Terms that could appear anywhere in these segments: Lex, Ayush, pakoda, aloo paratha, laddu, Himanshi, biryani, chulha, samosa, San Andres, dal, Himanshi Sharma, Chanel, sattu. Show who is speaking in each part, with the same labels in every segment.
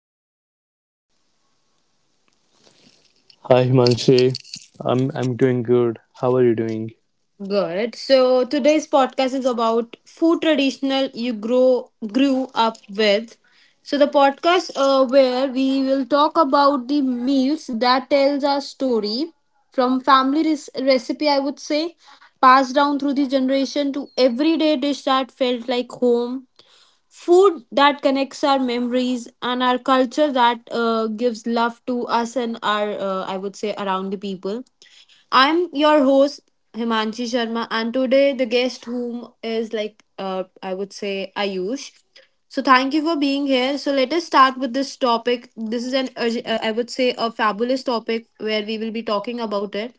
Speaker 1: How are you today?
Speaker 2: Hi Himanshi, I'm doing good. How are you doing?
Speaker 1: Good. So, today's podcast is about food traditional you grow grew up with. So, the podcast where we will talk about the meals that tells our story from family recipe, I would say, passed down through the generation to everyday dish that felt like home. Food that connects our memories and our culture that gives love to us and our, I would say, around the people. I'm your host, Himanshi Sharma, and today the guest whom is like, I would say, Ayush. So thank you for being here. So let us start with this topic. This is an, I would say, a fabulous topic where we will be talking about it.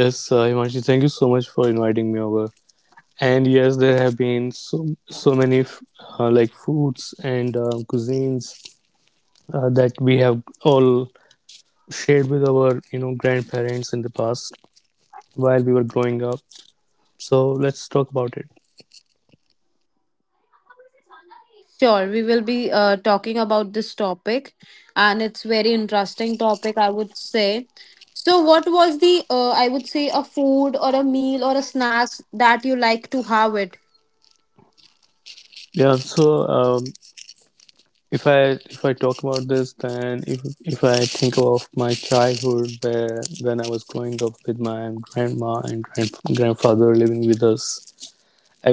Speaker 2: Yes, Himanshi, thank you so much for inviting me over. And yes, there have been so many like foods and cuisines that we have all shared with our you know grandparents in the past while we were growing up. So let's talk about it.
Speaker 1: Sure, we will be talking about this topic, and it's very interesting topic, I would say. So, what was the I would say a food or a meal or a snacks that you like to have it?
Speaker 2: Yeah, so um, If I if I talk about this, then if I think of my childhood, where when I was growing up with my grandma and grandfather living with us,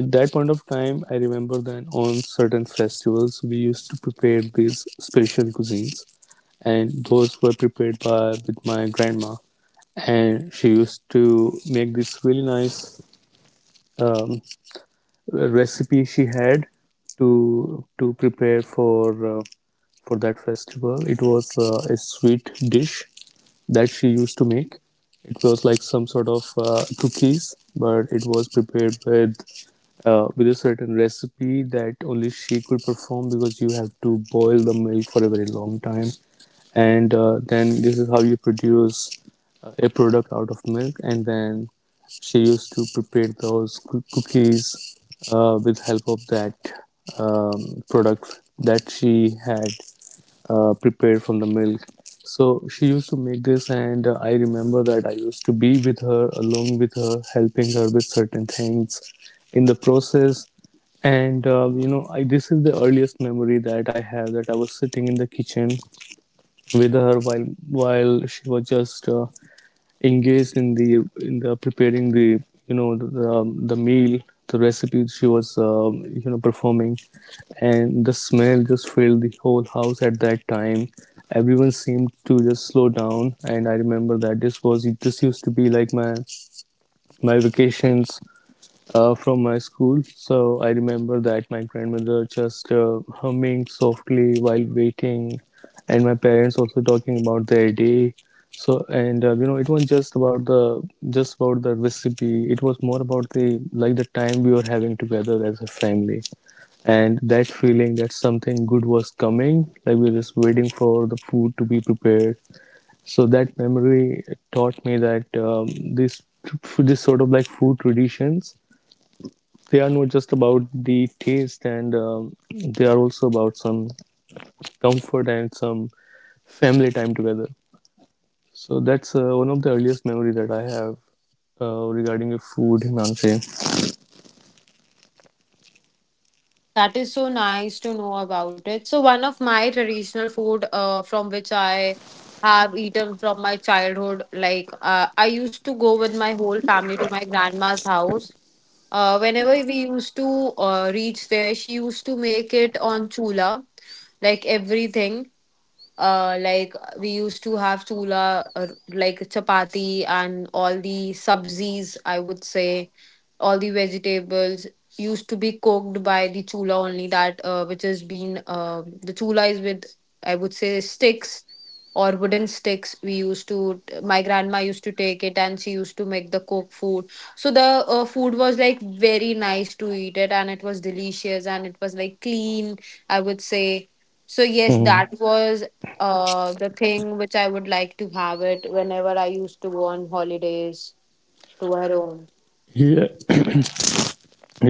Speaker 2: at that point of time, I remember that on certain festivals we used to prepare these special cuisines, and those were prepared by with my grandma, and she used to make this really nice um, recipe she had to prepare for, for that festival. It was a sweet dish that she used to make. It was like some sort of cookies, but it was prepared with a certain recipe that only she could perform because you have to boil the milk for a very long time, and then this is how you produce a product out of milk, and then she used to prepare those cookies with help of that product that she had prepared from the milk. So she used to make this, and I remember that I used to be with her, along with her, helping her with certain things in the process. And you know, I this is the earliest memory that I have that I was sitting in the kitchen with her while she was just engaged in the preparing the you know the the meal the recipe she was you know performing, and the smell just filled the whole house at that time. Everyone seemed to just slow down, and I remember that this used to be like my vacations from my school. So I remember that my grandmother just humming softly while waiting, and my parents also talking about their day. So and you know it was just about the recipe. It was more about the like the time we were having together as a family, and that feeling that something good was coming. Like we were just waiting for the food to be prepared. So that memory taught me that this this sort of like food traditions, they are not just about the taste, and they are also about some comfort and some family time together. So that's one of the earliest memory that I have regarding the food, Himanshi.
Speaker 1: That is so nice to know about it. So one of my traditional food from which I have eaten from my childhood, like I used to go with my whole family to my grandma's house. Whenever we used to reach there, she used to make it on chula, like everything like we used to have chula or like chapati and all the subzis, I would say, all the vegetables used to be cooked by the chula only that which has been the chula is with, I would say, sticks or wooden sticks we used to, my grandma used to take it and she used to make the cooked food. So the food was like very nice to eat it and it was delicious and it was like clean, I would say. So yes, that
Speaker 2: Hmm.
Speaker 1: was the thing which I would like to have it whenever I used to go on holidays to her home.
Speaker 2: Yeah.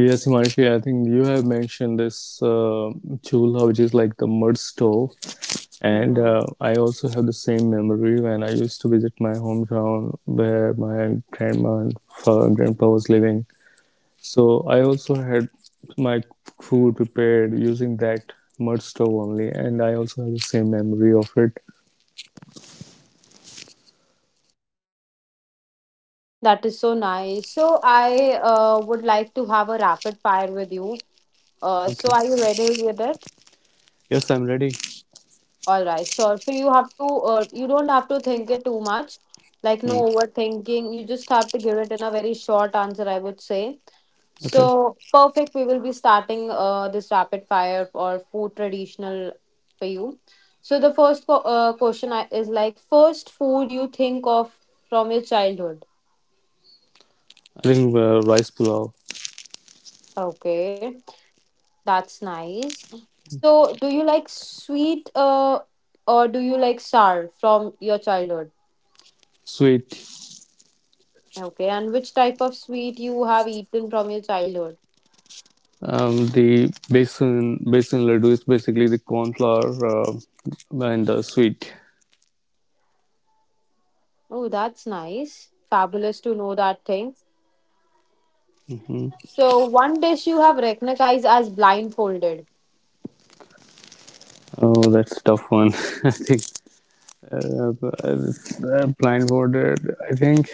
Speaker 2: Yes, Himanshi, I think you have mentioned this, uh, chulha, which is like the mud stove. And
Speaker 1: Mm-hmm.
Speaker 2: I also have the same memory when I used to visit my hometown where my grandma and grandpa was living. So I also had my food prepared using that mud stove only, and I also have the same memory of it.
Speaker 1: That is so nice. So I would like to have a rapid fire with you. So are you
Speaker 2: Okay.
Speaker 1: ready with it?
Speaker 2: Yes, I'm ready.
Speaker 1: All right, sure. So you have to, you don't have to think it too much, like no
Speaker 2: Hmm.
Speaker 1: overthinking. You just have to give it in a very short answer, I would say.
Speaker 2: Okay.
Speaker 1: So perfect. We will be starting this rapid fire or food traditional for you. So the first question is like first food you think of from your childhood.
Speaker 2: I think rice pulao,
Speaker 1: Okay, that's nice. So do you like sweet or do you like sour from your childhood?
Speaker 2: sweet.
Speaker 1: Okay, and which type of sweet you have eaten from your childhood?
Speaker 2: The basin laddu is basically the corn flour and the sweet.
Speaker 1: Oh, that's nice. Fabulous to know that thing.
Speaker 2: Mhm.
Speaker 1: So, one dish you have recognized as blindfolded.
Speaker 2: Oh, that's a tough one. I think blindfolded. I think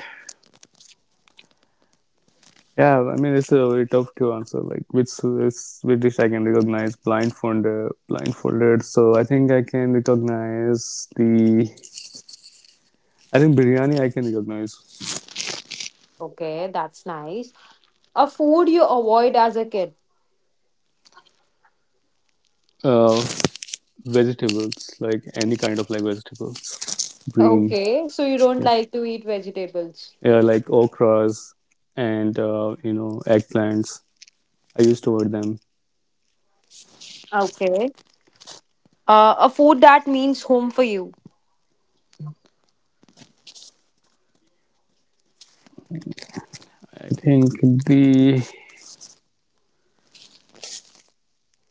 Speaker 2: yeah, I mean it's a very tough to answer. Like which is which dish I can recognize blindfolded. So I think I can recognize the. I think biryani I can recognize.
Speaker 1: Okay, that's nice. A food you avoid as a kid.
Speaker 2: Uh, vegetables, like any kind of like vegetables, green,
Speaker 1: Okay, so you don't
Speaker 2: yeah,
Speaker 1: like to eat vegetables.
Speaker 2: yeah, like okras and you know eggplants. I used to order them.
Speaker 1: Okay. A food that means home for you.
Speaker 2: I think the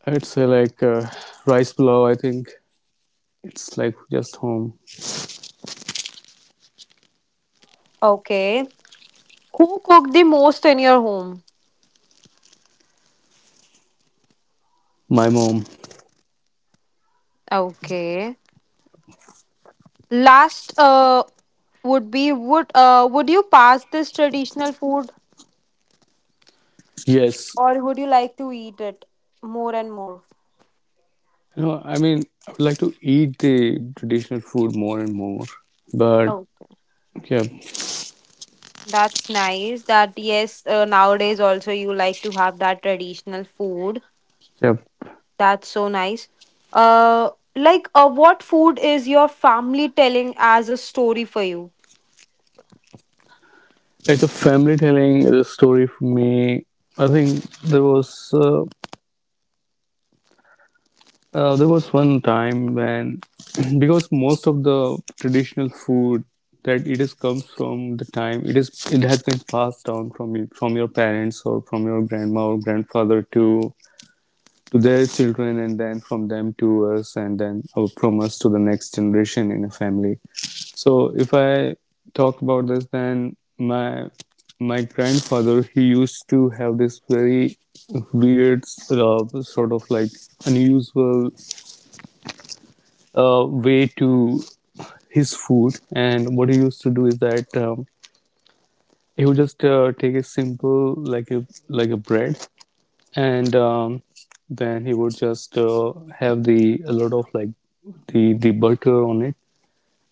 Speaker 2: I would say like rice pulao. I think it's like just home.
Speaker 1: Okay. Who cooked the most in your home?
Speaker 2: My mom.
Speaker 1: Okay. Last would be would you pass this traditional food,
Speaker 2: Yes.
Speaker 1: or would you like to eat it more and more?
Speaker 2: You know, I mean, I would like to eat the traditional food more and more, but
Speaker 1: Okay,
Speaker 2: yeah,
Speaker 1: that's nice. That yes, nowadays also you like to have that traditional food.
Speaker 2: yeah.
Speaker 1: That's so nice. Uh, what food is your family telling as a story for you?
Speaker 2: It's a family telling the story for me. I think there was uh, there was one time when because most of the traditional food that it is comes from the time it has been passed down from from your parents or from your grandma or grandfather to their children, and then from them to us, and then from us to the next generation in a family. So if I talk about this, then my grandfather, he used to have this very weird sort of like unusual way to his food, and what he used to do is that he would just take a simple like a bread, and then he would just have the a lot of like the butter on it,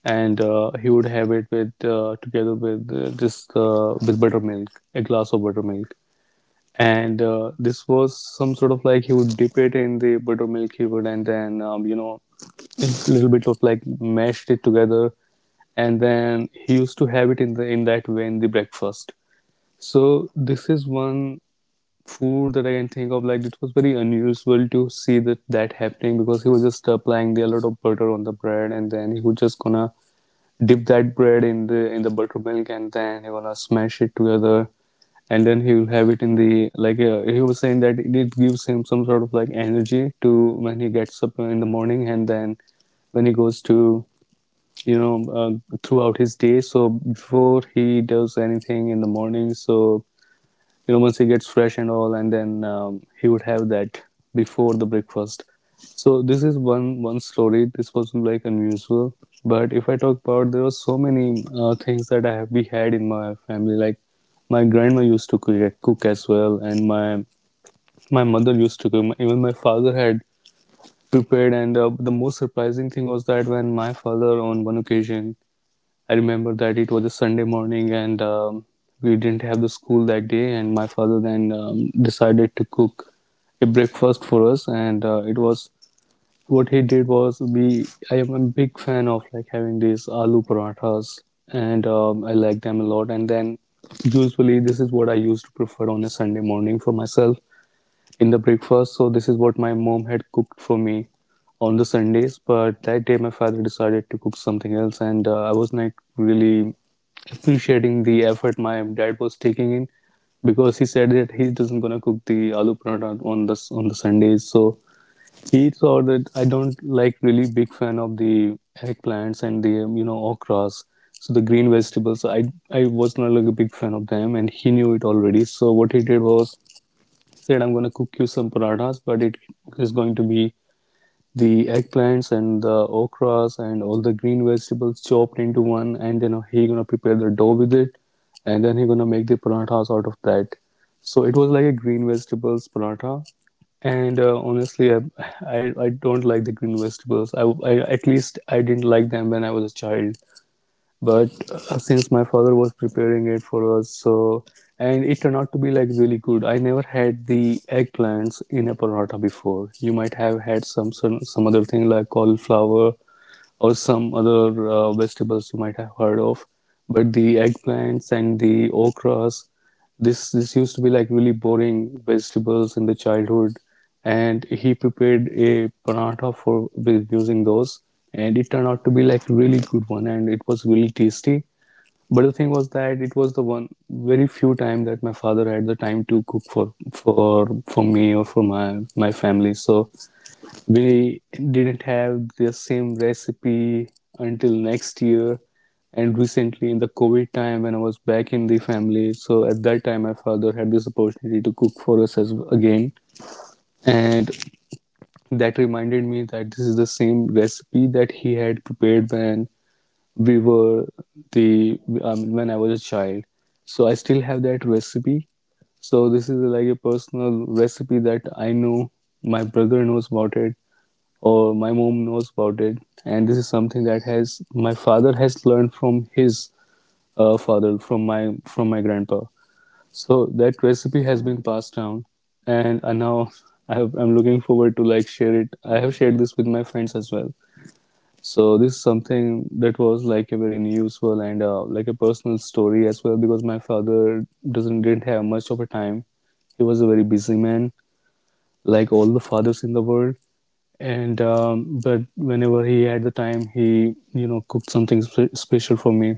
Speaker 2: and he would have it with together with just with buttermilk, a glass of buttermilk. And this was some sort of like he would dip it in the buttermilk he would, and then you know, a little bit of like mashed it together, and then he used to have it in the in that way in the breakfast. So this is one food that I can think of. Like it was very unusual to see that happening because he was just applying the a lot of butter on the bread, and then he would just gonna dip that bread in the buttermilk, and then he wanna smash it together, and then he will have it in the like he was saying that it gives him some sort of like energy to when he gets up in the morning and then when he goes to you know throughout his day. So before he does anything in the morning, so you know once he gets fresh and all, and then he would have that before the breakfast. So this is one one story. This was not like unusual, but if I talk about, there were so many things that I have we had in my family. Like my grandma used to cook as well, and my mother used to cook, even my father had prepared. And the most surprising thing was that when my father on one occasion, I remember that it was a Sunday morning, and we didn't have the school that day, and my father then decided to cook a breakfast for us. And it was what he did was we. I am a big fan of like having these aloo parathas, and I like them a lot. And then usually this is what I used to prefer on a Sunday morning for myself in the breakfast. So this is what my mom had cooked for me on the Sundays. But that day, my father decided to cook something else, and I was not really appreciating the effort my dad was taking in, because he said that he doesn't gonna cook the aloo paratha on the Sundays. So he saw that I don't like really big fan of the eggplants and the you know okras. So the green vegetables, I was not like a big fan of them, and he knew it already. So what he did was said I'm going to cook you some parathas, but it is going to be the eggplants and the okras and all the green vegetables chopped into one, and then he gonna prepare the dough with it, and then he gonna make the parathas out of that. So it was like a green vegetables paratha, and honestly, I I don't like the green vegetables. I at least I didn't like them when I was a child, but since my father was preparing it for us, so, and it turned out to be like really good. I never had the eggplants in a paratha before. You might have had some other thing like cauliflower or some other vegetables you might have heard of. But the eggplants and the okras, this used to be like really boring vegetables in the childhood, and he prepared a paratha for with using those, and it turned out to be like really good one, and it was really tasty. But the thing was that it was the one very few time that my father had the time to cook for for me or for my my family. So we didn't have the same recipe until next year, and recently in the covid time when I was back in the family, so at that time my father had this opportunity to cook for us as again, and that reminded me that this is the same recipe that he had prepared when we were the when I was a child. So I still have that recipe. So this is like a personal recipe that I know, my brother knows about it, or my mom knows about it. And this is something that has my father has learned from his father, from my grandpa. So that recipe has been passed down, and now I have, I'm looking forward to like share it. I have shared this with my friends as well. So this is something that was like a very useful and like a personal story as well, because my father doesn't didn't have much of a time. He was a very busy man, like all the fathers in the world. And but whenever he had the time, he, you know, cooked something special for me.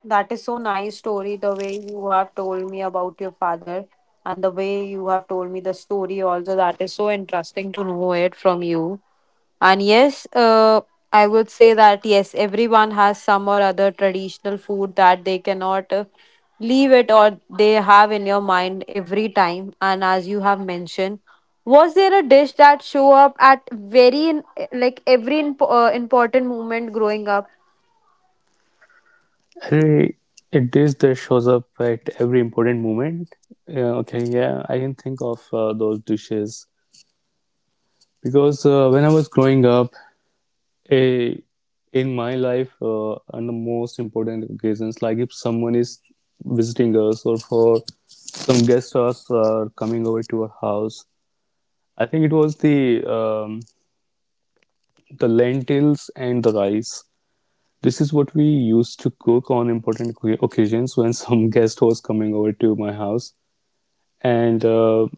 Speaker 1: That is so nice story, the way you have told me about your father and the way you have told me the story also. That is so interesting to know it from you. And yes, I would say that yes, everyone has some or other traditional food that they cannot leave it or they have in your mind every time. And as you have mentioned, was there a dish that show up at very in, like every important moment growing up?
Speaker 2: Hey, a dish that shows up at every important moment. Yeah, okay, yeah, I can think of those dishes. Because when I was growing up, a in my life, on the most important occasions, like if someone is visiting us or for some guest stars are coming over to our house, I think it was the lentils and the rice. This is what we used to cook on important occasions when some guest was coming over to my house. And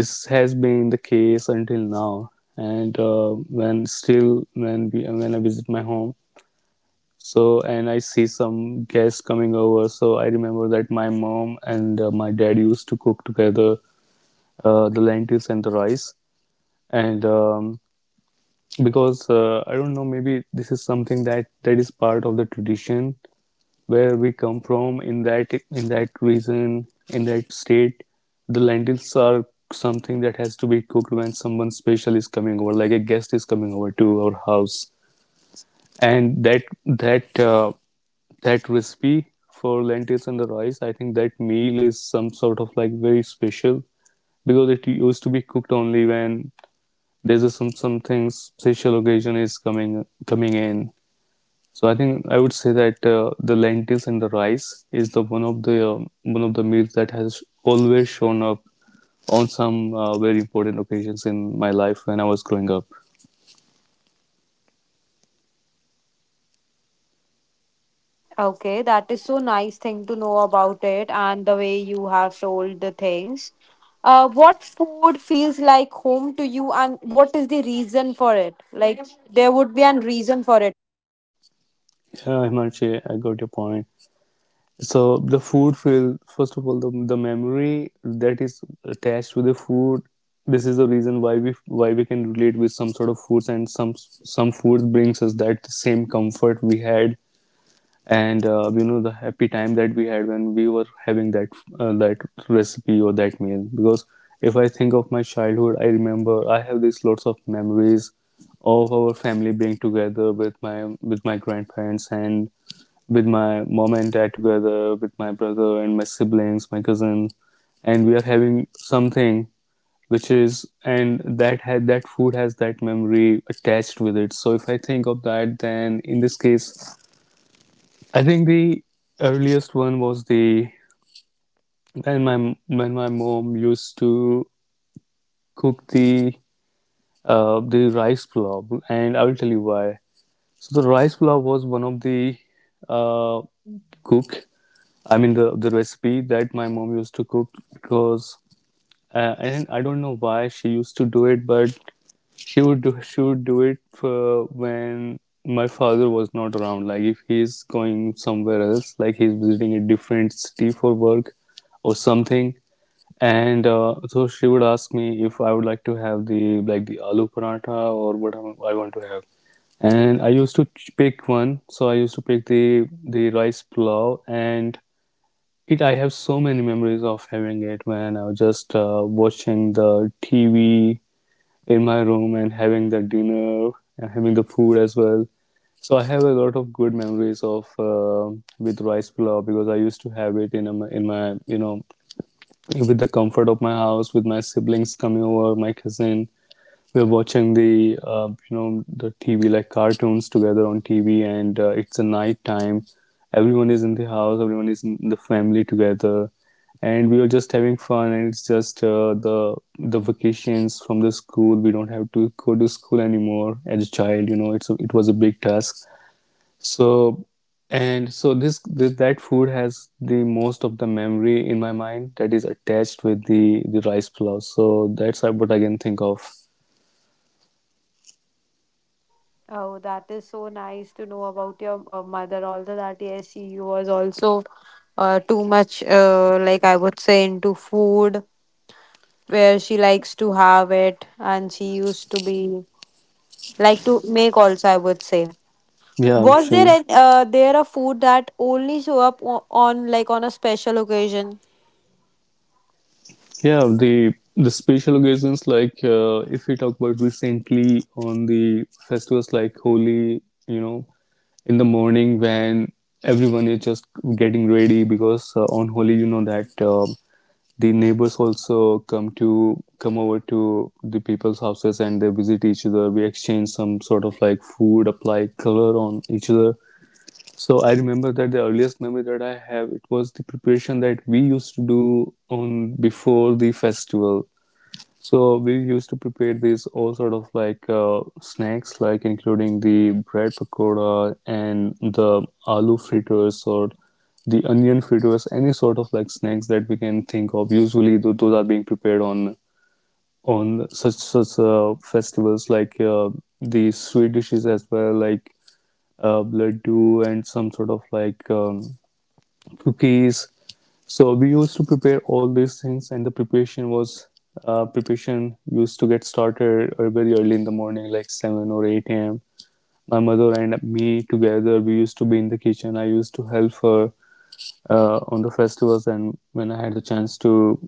Speaker 2: this has been the case until now. And when still, when, we, when I visit my home, so and I see some guests coming over. So I remember that my mom and my dad used to cook together the lentils and the rice. And because I don't know, maybe this is something that is part of the tradition where we come from, in that region, in that state. The lentils are something that has to be cooked when someone special is coming over, like a guest is coming over to our house. And that recipe for lentils and the rice, I think that meal is some sort of like very special, because it used to be cooked only when there's a, some something special occasion is coming in. So I think I would say that the lentils and the rice is the one of the one of the meals that has always shown up on some very important occasions in my life when I was growing up.
Speaker 1: Okay, that is so nice thing to know about it and the way you have told the things. What food feels like home to you and what is the reason for it? Like there would be an reason for it.
Speaker 2: Yeah, Himanshu, I got your point. So the food feel, first of all, the memory that is attached with the food. This is the reason why we can relate with some sort of foods, and some foods brings us that same comfort we had and you know, the happy time that we had when we were having that recipe or that meal. Because if I think of my childhood, I remember I have these lots of memories of our family being together, with my grandparents, and with my mom and dad together, with my brother and my siblings, my cousin, and we are having something which is, and that food has that memory attached with it. So if I think of that, then in this case, I think the earliest one was the, when my mom used to cook the rice pulao, and I will tell you why. So the rice pulao was one of the uh, cook. I mean the recipe that my mom used to cook. Because and I don't know why she used to do it, but she would do it for when my father was not around. Like if he's going somewhere else, like he's visiting a different city for work or something, and so she would ask me if I would like to have the like the aloo paratha or what I want to have. And I used to pick one, so I used to pick the rice pulao, and it, I have so many memories of having it, man. I was just watching the TV in my room and having the dinner and having the food as well. So I have a lot of good memories of with rice pilaf, because I used to have it in a, in my, you know, with the comfort of my house, with my siblings coming over, my cousin, we're watching the, you know, the TV, like cartoons together on TV, and it's a night time. Everyone is in the house. Everyone is in the family together, and we are just having fun. And it's just the vacations from the school. We don't have to go to school anymore as a child. You know, it's a, it was a big task. So and so this that food has the most of the memory in my mind that is attached with the rice pulao. So that's what I can think of.
Speaker 1: Oh, that is so nice to know about your mother. Although that yes, she was also too much, like I would say, into food where she likes to have it and she used to be like to make also, I would say.
Speaker 2: Yeah,
Speaker 1: Was there
Speaker 2: sure.
Speaker 1: an, there a food that only show up on like on a special occasion?
Speaker 2: Yeah, the special occasions, like if we talk about recently on the festivals like Holi, you know, in the morning when everyone is just getting ready, because on Holi, you know that the neighbors also come to come over to the people's houses and they visit each other. We exchange some sort of like food, apply color on each other. So I remember that the earliest memory that I have, it was the preparation that we used to do on before the festival. So we used to prepare these all sort of like snacks, like including the bread pakoda and the aloo fritters or the onion fritters, any sort of like snacks that we can think of. Usually those are being prepared on such festivals like the sweet dishes as well, like laddu and some sort of like cookies. So we used to prepare all these things, and the preparation was preparation used to get started very early in the morning, like 7 or 8 a.m. My mother and me together, we used to be in the kitchen. I used to help her on the festivals, and when I had the chance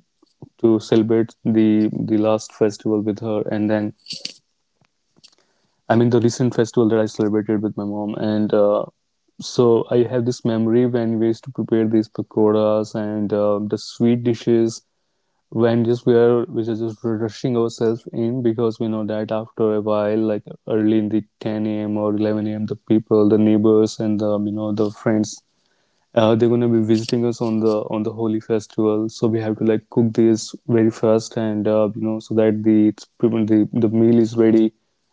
Speaker 2: to celebrate the last festival with her, and then I mean, the recent festival that I celebrated with my mom, and so I have this memory when we used to prepare these pakoras and the sweet dishes, when just we are just rushing ourselves in, because we know that after a while, like early in the 10 a.m. or 11 a.m., the people, the neighbors, and the, you know, the friends they're gonna be visiting us on the holy festival, so we have to like cook this very fast, and you know, so that the it's prevent the meal is ready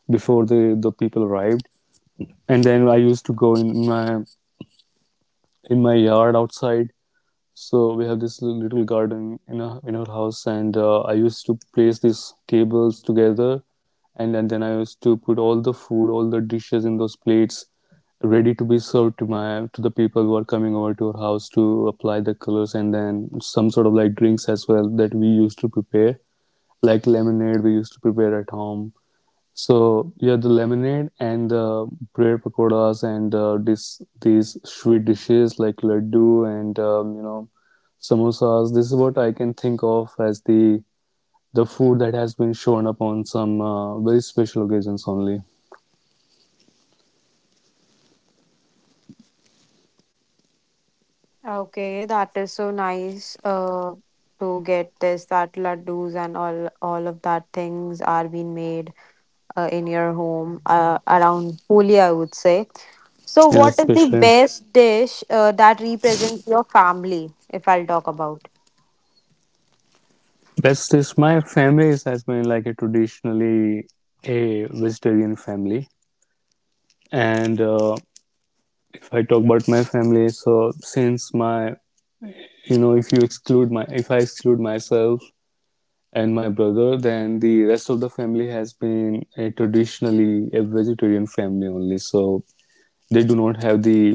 Speaker 2: before the people arrived. And then I used to go in my yard outside. So we have this little garden in a, in our house, and I used to place these tables together, and then I used to put all the food, all the dishes in those plates, ready to be served to my to the people who are coming over to our house to apply the colors, and then some sort of like drinks as well that we used to prepare, like lemonade we used to prepare at home. So yeah, the lemonade and the bread pakoras, and this these sweet dishes like laddu, and you know, samosas. This is what I can think of as the food that has been shown up on some very special occasions only.
Speaker 1: Okay, that is so nice. To get this that laddus and all of that things are being made in your home around Holi, I would say. So,
Speaker 2: Yeah,
Speaker 1: what is the
Speaker 2: especially
Speaker 1: best dish that represents your family? If I'll talk about.
Speaker 2: best is, my family is- has been like a traditionally a vegetarian family, and if I talk about my family, so since my, you know, if you exclude my, if I exclude myself and my brother, then the rest of the family has been a traditionally a vegetarian family only. So they do not have the,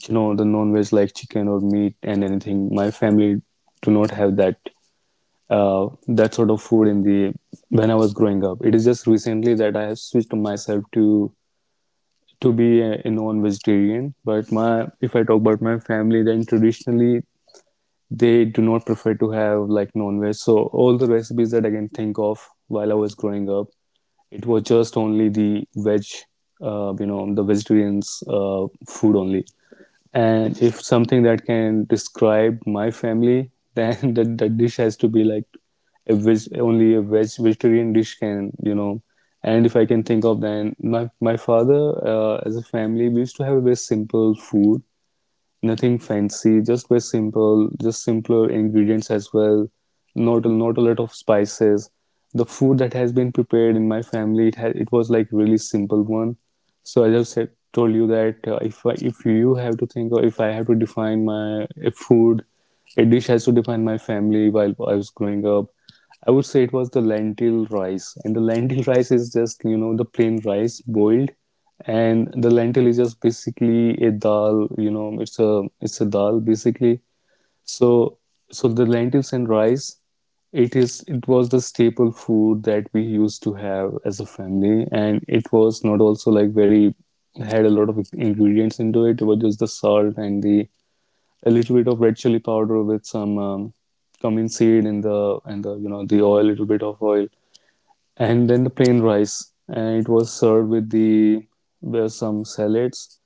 Speaker 2: you know, the non-veg like chicken or meat, and anything my family do not have that sort of food in the when I was growing up. It is just recently that I have switched myself to be a non-vegetarian. But my, if I talk about my family, then traditionally they do not prefer to have like non-veg. So all the recipes that I can think of while I was growing up, it was just only the veg, you know, the vegetarians food only. And if something that can describe my family, then that, that dish has to be like a veg, only a veg vegetarian dish can, you know. And if I can think of, then my father as a family, we used to have a very simple food, nothing fancy, just very simple, just simpler ingredients as well. Not a, not a lot of spices. The food that has been prepared in my family, it was like really simple one. So as I just said, told you that if you have to think, or if I have to define my a food, a dish has to define my family while I was growing up. I would say it was the lentil rice, and the lentil rice is just you know the plain rice boiled, and the lentil is just basically a dal. You know, it's a dal basically. So so the lentils and rice, it was the staple food that we used to have as a family, and it was not also like very had a lot of ingredients into it. It was just the salt and the a little bit of red chili powder with some cumin seed in the and the you know the oil, little bit of oil, and then the plain rice, and it was served with the with some salads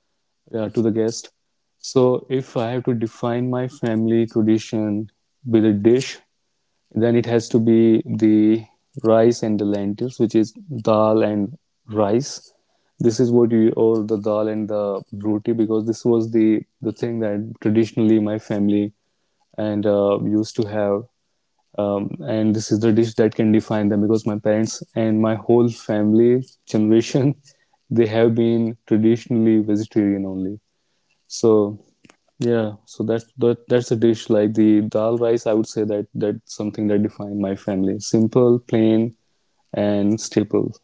Speaker 2: to the guest. So if I have to define my family tradition with a dish, then it has to be the rice and the lentils, which is dal and rice. This is what you or the dal and the roti, because this was the thing that traditionally my family and used to have. And this is the dish that can define them, because my parents and my whole family generation, they have been traditionally vegetarian only. So yeah, so that's a dish like the dal rice. I would say that that's something that defined my family. Simple, plain, and staple.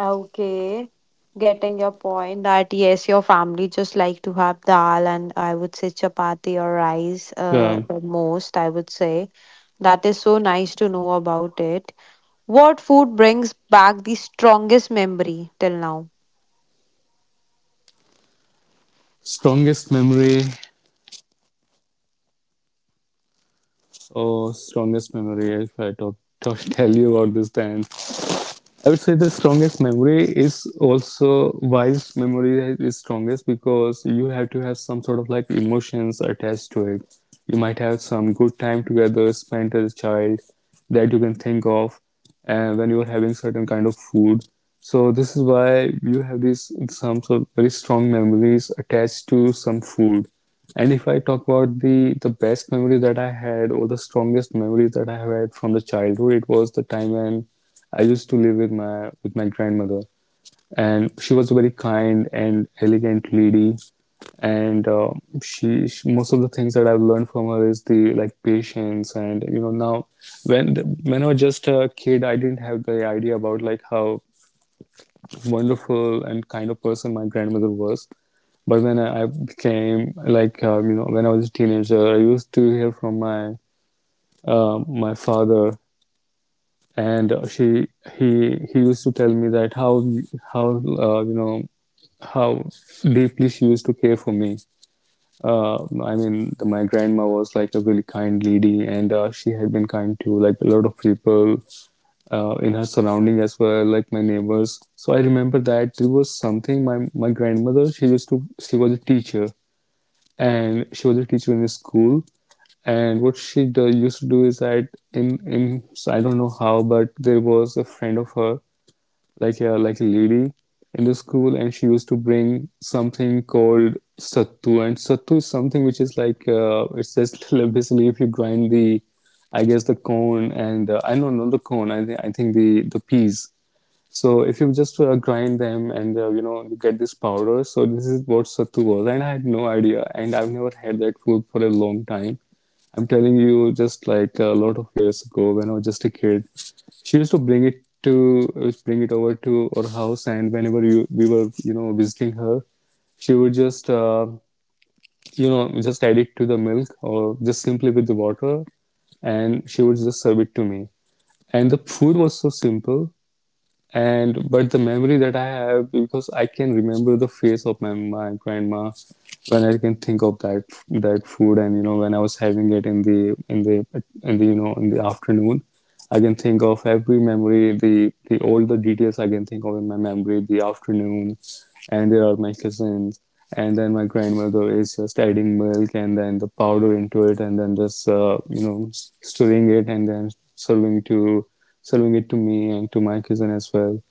Speaker 1: Okay, getting your point that yes, your family just like to have dal and, I would say, chapati or rice
Speaker 2: Um,
Speaker 1: the most, I would say. That is so nice to know about it. What food brings back the strongest memory till now?
Speaker 2: Strongest memory or oh, strongest memory, if I talk tell you about this, then I would say the strongest memory is also why memory is strongest, because you have to have some sort of like emotions attached to it. You might have some good time together spent as a child that you can think of, and when you are having certain kind of food. So this is why you have these some sort of very strong memories attached to some food. And if I talk about the best memory that I had, or the strongest memory that I had from the childhood, it was the time when I used to live with my grandmother, and she was a very kind and elegant lady. And she most of the things that I've learned from her is the like patience, and you know now when when I was just a kid, I didn't have the idea about like how wonderful and kind of person my grandmother was. But when I became like you know, when I was a teenager, I used to hear from my my father, and she he used to tell me that how you know how deeply she used to care for me. uh, I mean my grandma was like a really kind lady, and she had been kind to like a lot of people in her surrounding as well, like my neighbors. So I remember that there was something, my grandmother, she used to she was a teacher, and she was a teacher in a school. And used to do is that in, I don't know how, but there was a friend of her, like a lady, in the school, and she used to bring something called sattu. And sattu is something which is like it's just basically, if you grind the, I guess the corn, and I don't know the corn, I think the peas, so if you just grind them, and you know, you get this powder, so this is what sattu was. And I had no idea, and I've never had that food for a long time. I'm telling you, just like a lot of years ago when I was just a kid, she used to bring it to used to bring it over to our house, and whenever we were you know visiting her, she would just you know just add it to the milk, or just simply with the water, and she would just serve it to me. And the food was so simple, and but the memory that I have, because I can remember the face of my, my grandma when I can think of that food. And you know, when I was having it in the in the in the you know in the afternoon, I can think of every memory, the all the details I can think of in my memory, the afternoon, and there are my cousins, and then my grandmother is just adding milk, and then the powder into it, and then just you know, stirring it, and then serving it to me and to my cousin as well.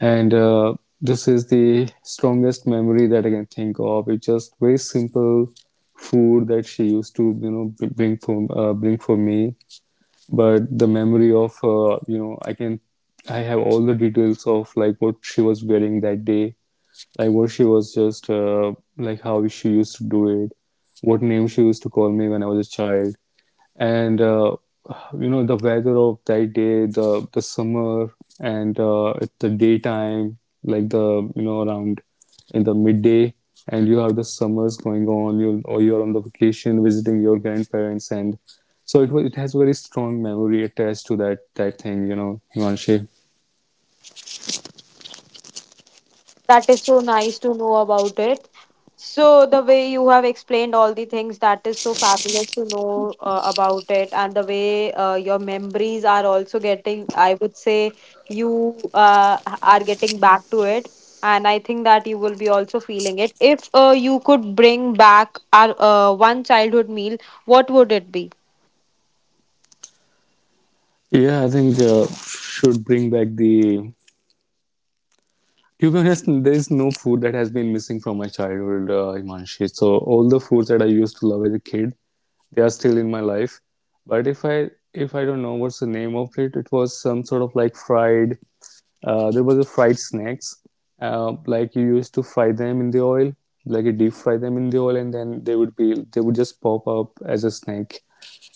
Speaker 2: And this is the strongest memory that I can think of. It's just very simple food that she used to, you know, bring for me. But the memory of, you know, I have all the details of like what she was wearing that day, like what she was just, like how she used to do it, what name she used to call me when I was a child, and you know, the weather of that day, the summer, and it's the daytime, like the you know around in the midday, and you have the summers going on, you or you're on the vacation visiting your grandparents. And so it was, it has very strong memory attached to that thing, you know, Himanshi.
Speaker 1: That is so nice to know about it. So, the way you have explained all the things, that is so fabulous to know about it. And the way your memories are also getting, I would say, you are getting back to it. And I think that you will be also feeling it. If you could bring back our one childhood meal, what would it be?
Speaker 2: Yeah, I think should bring back the, to be honest, there is no food that has been missing from my childhood, Himanshi. So all the foods that I used to love as a kid, they are still in my life. But if I don't know what's the name of it, it was some sort of like fried. There was a fried snacks. Like you used to fry them in the oil, like you deep fry them in the oil, and then they would just pop up as a snack.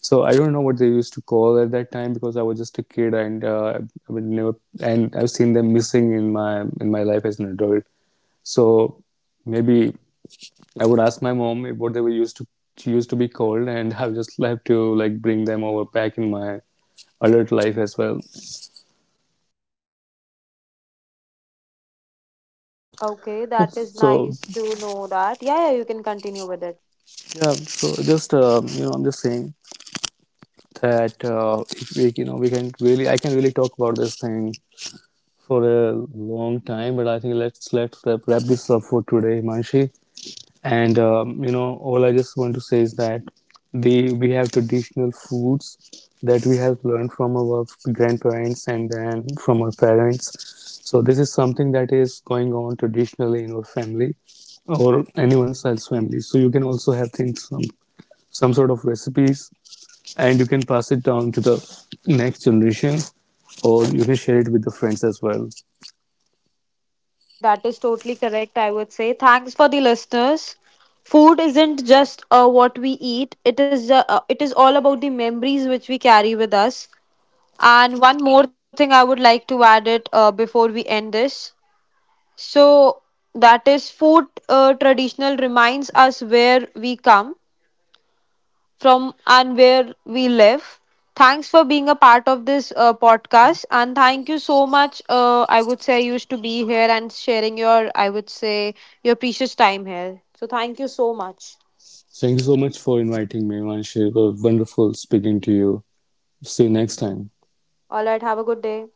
Speaker 2: So I don't know what they used to call at that time, because I was just a kid, and I would never, and I've seen them missing in my life as an adult. So maybe I would ask my mom if what they were used to be called, and I would just have to like bring them over back in my adult life as well.
Speaker 1: Okay, that is
Speaker 2: So
Speaker 1: nice to know that. Yeah, yeah, you can continue with it.
Speaker 2: yeah, so just you know, I'm just saying that if we you know we can really, I can really talk about this thing for a long time, but I think let's wrap this up for today, Manshi. And you know, all I just want to say is that the we have traditional foods that we have learned from our grandparents, and then from our parents. So this is something that is going on traditionally in our family, or anyone else's family. So you can also have things, some sort of recipes, and you can pass it down to the next generation, or you can share it with the friends as well.
Speaker 1: That is totally correct, I would say. Thanks for the listeners. Food isn't just what we eat, it is all about the memories which we carry with us. And one more thing I would like to add it before we end this. So, that is food traditional reminds us where we come from and where we live. Thanks for being a part of this podcast, and thank you so much. I would say I used to be here and sharing your, I would say, your precious time here. So thank you so much.
Speaker 2: Thank you so much for inviting me, Manshi. It was wonderful speaking to you. See you next time.
Speaker 1: All right, have a good day.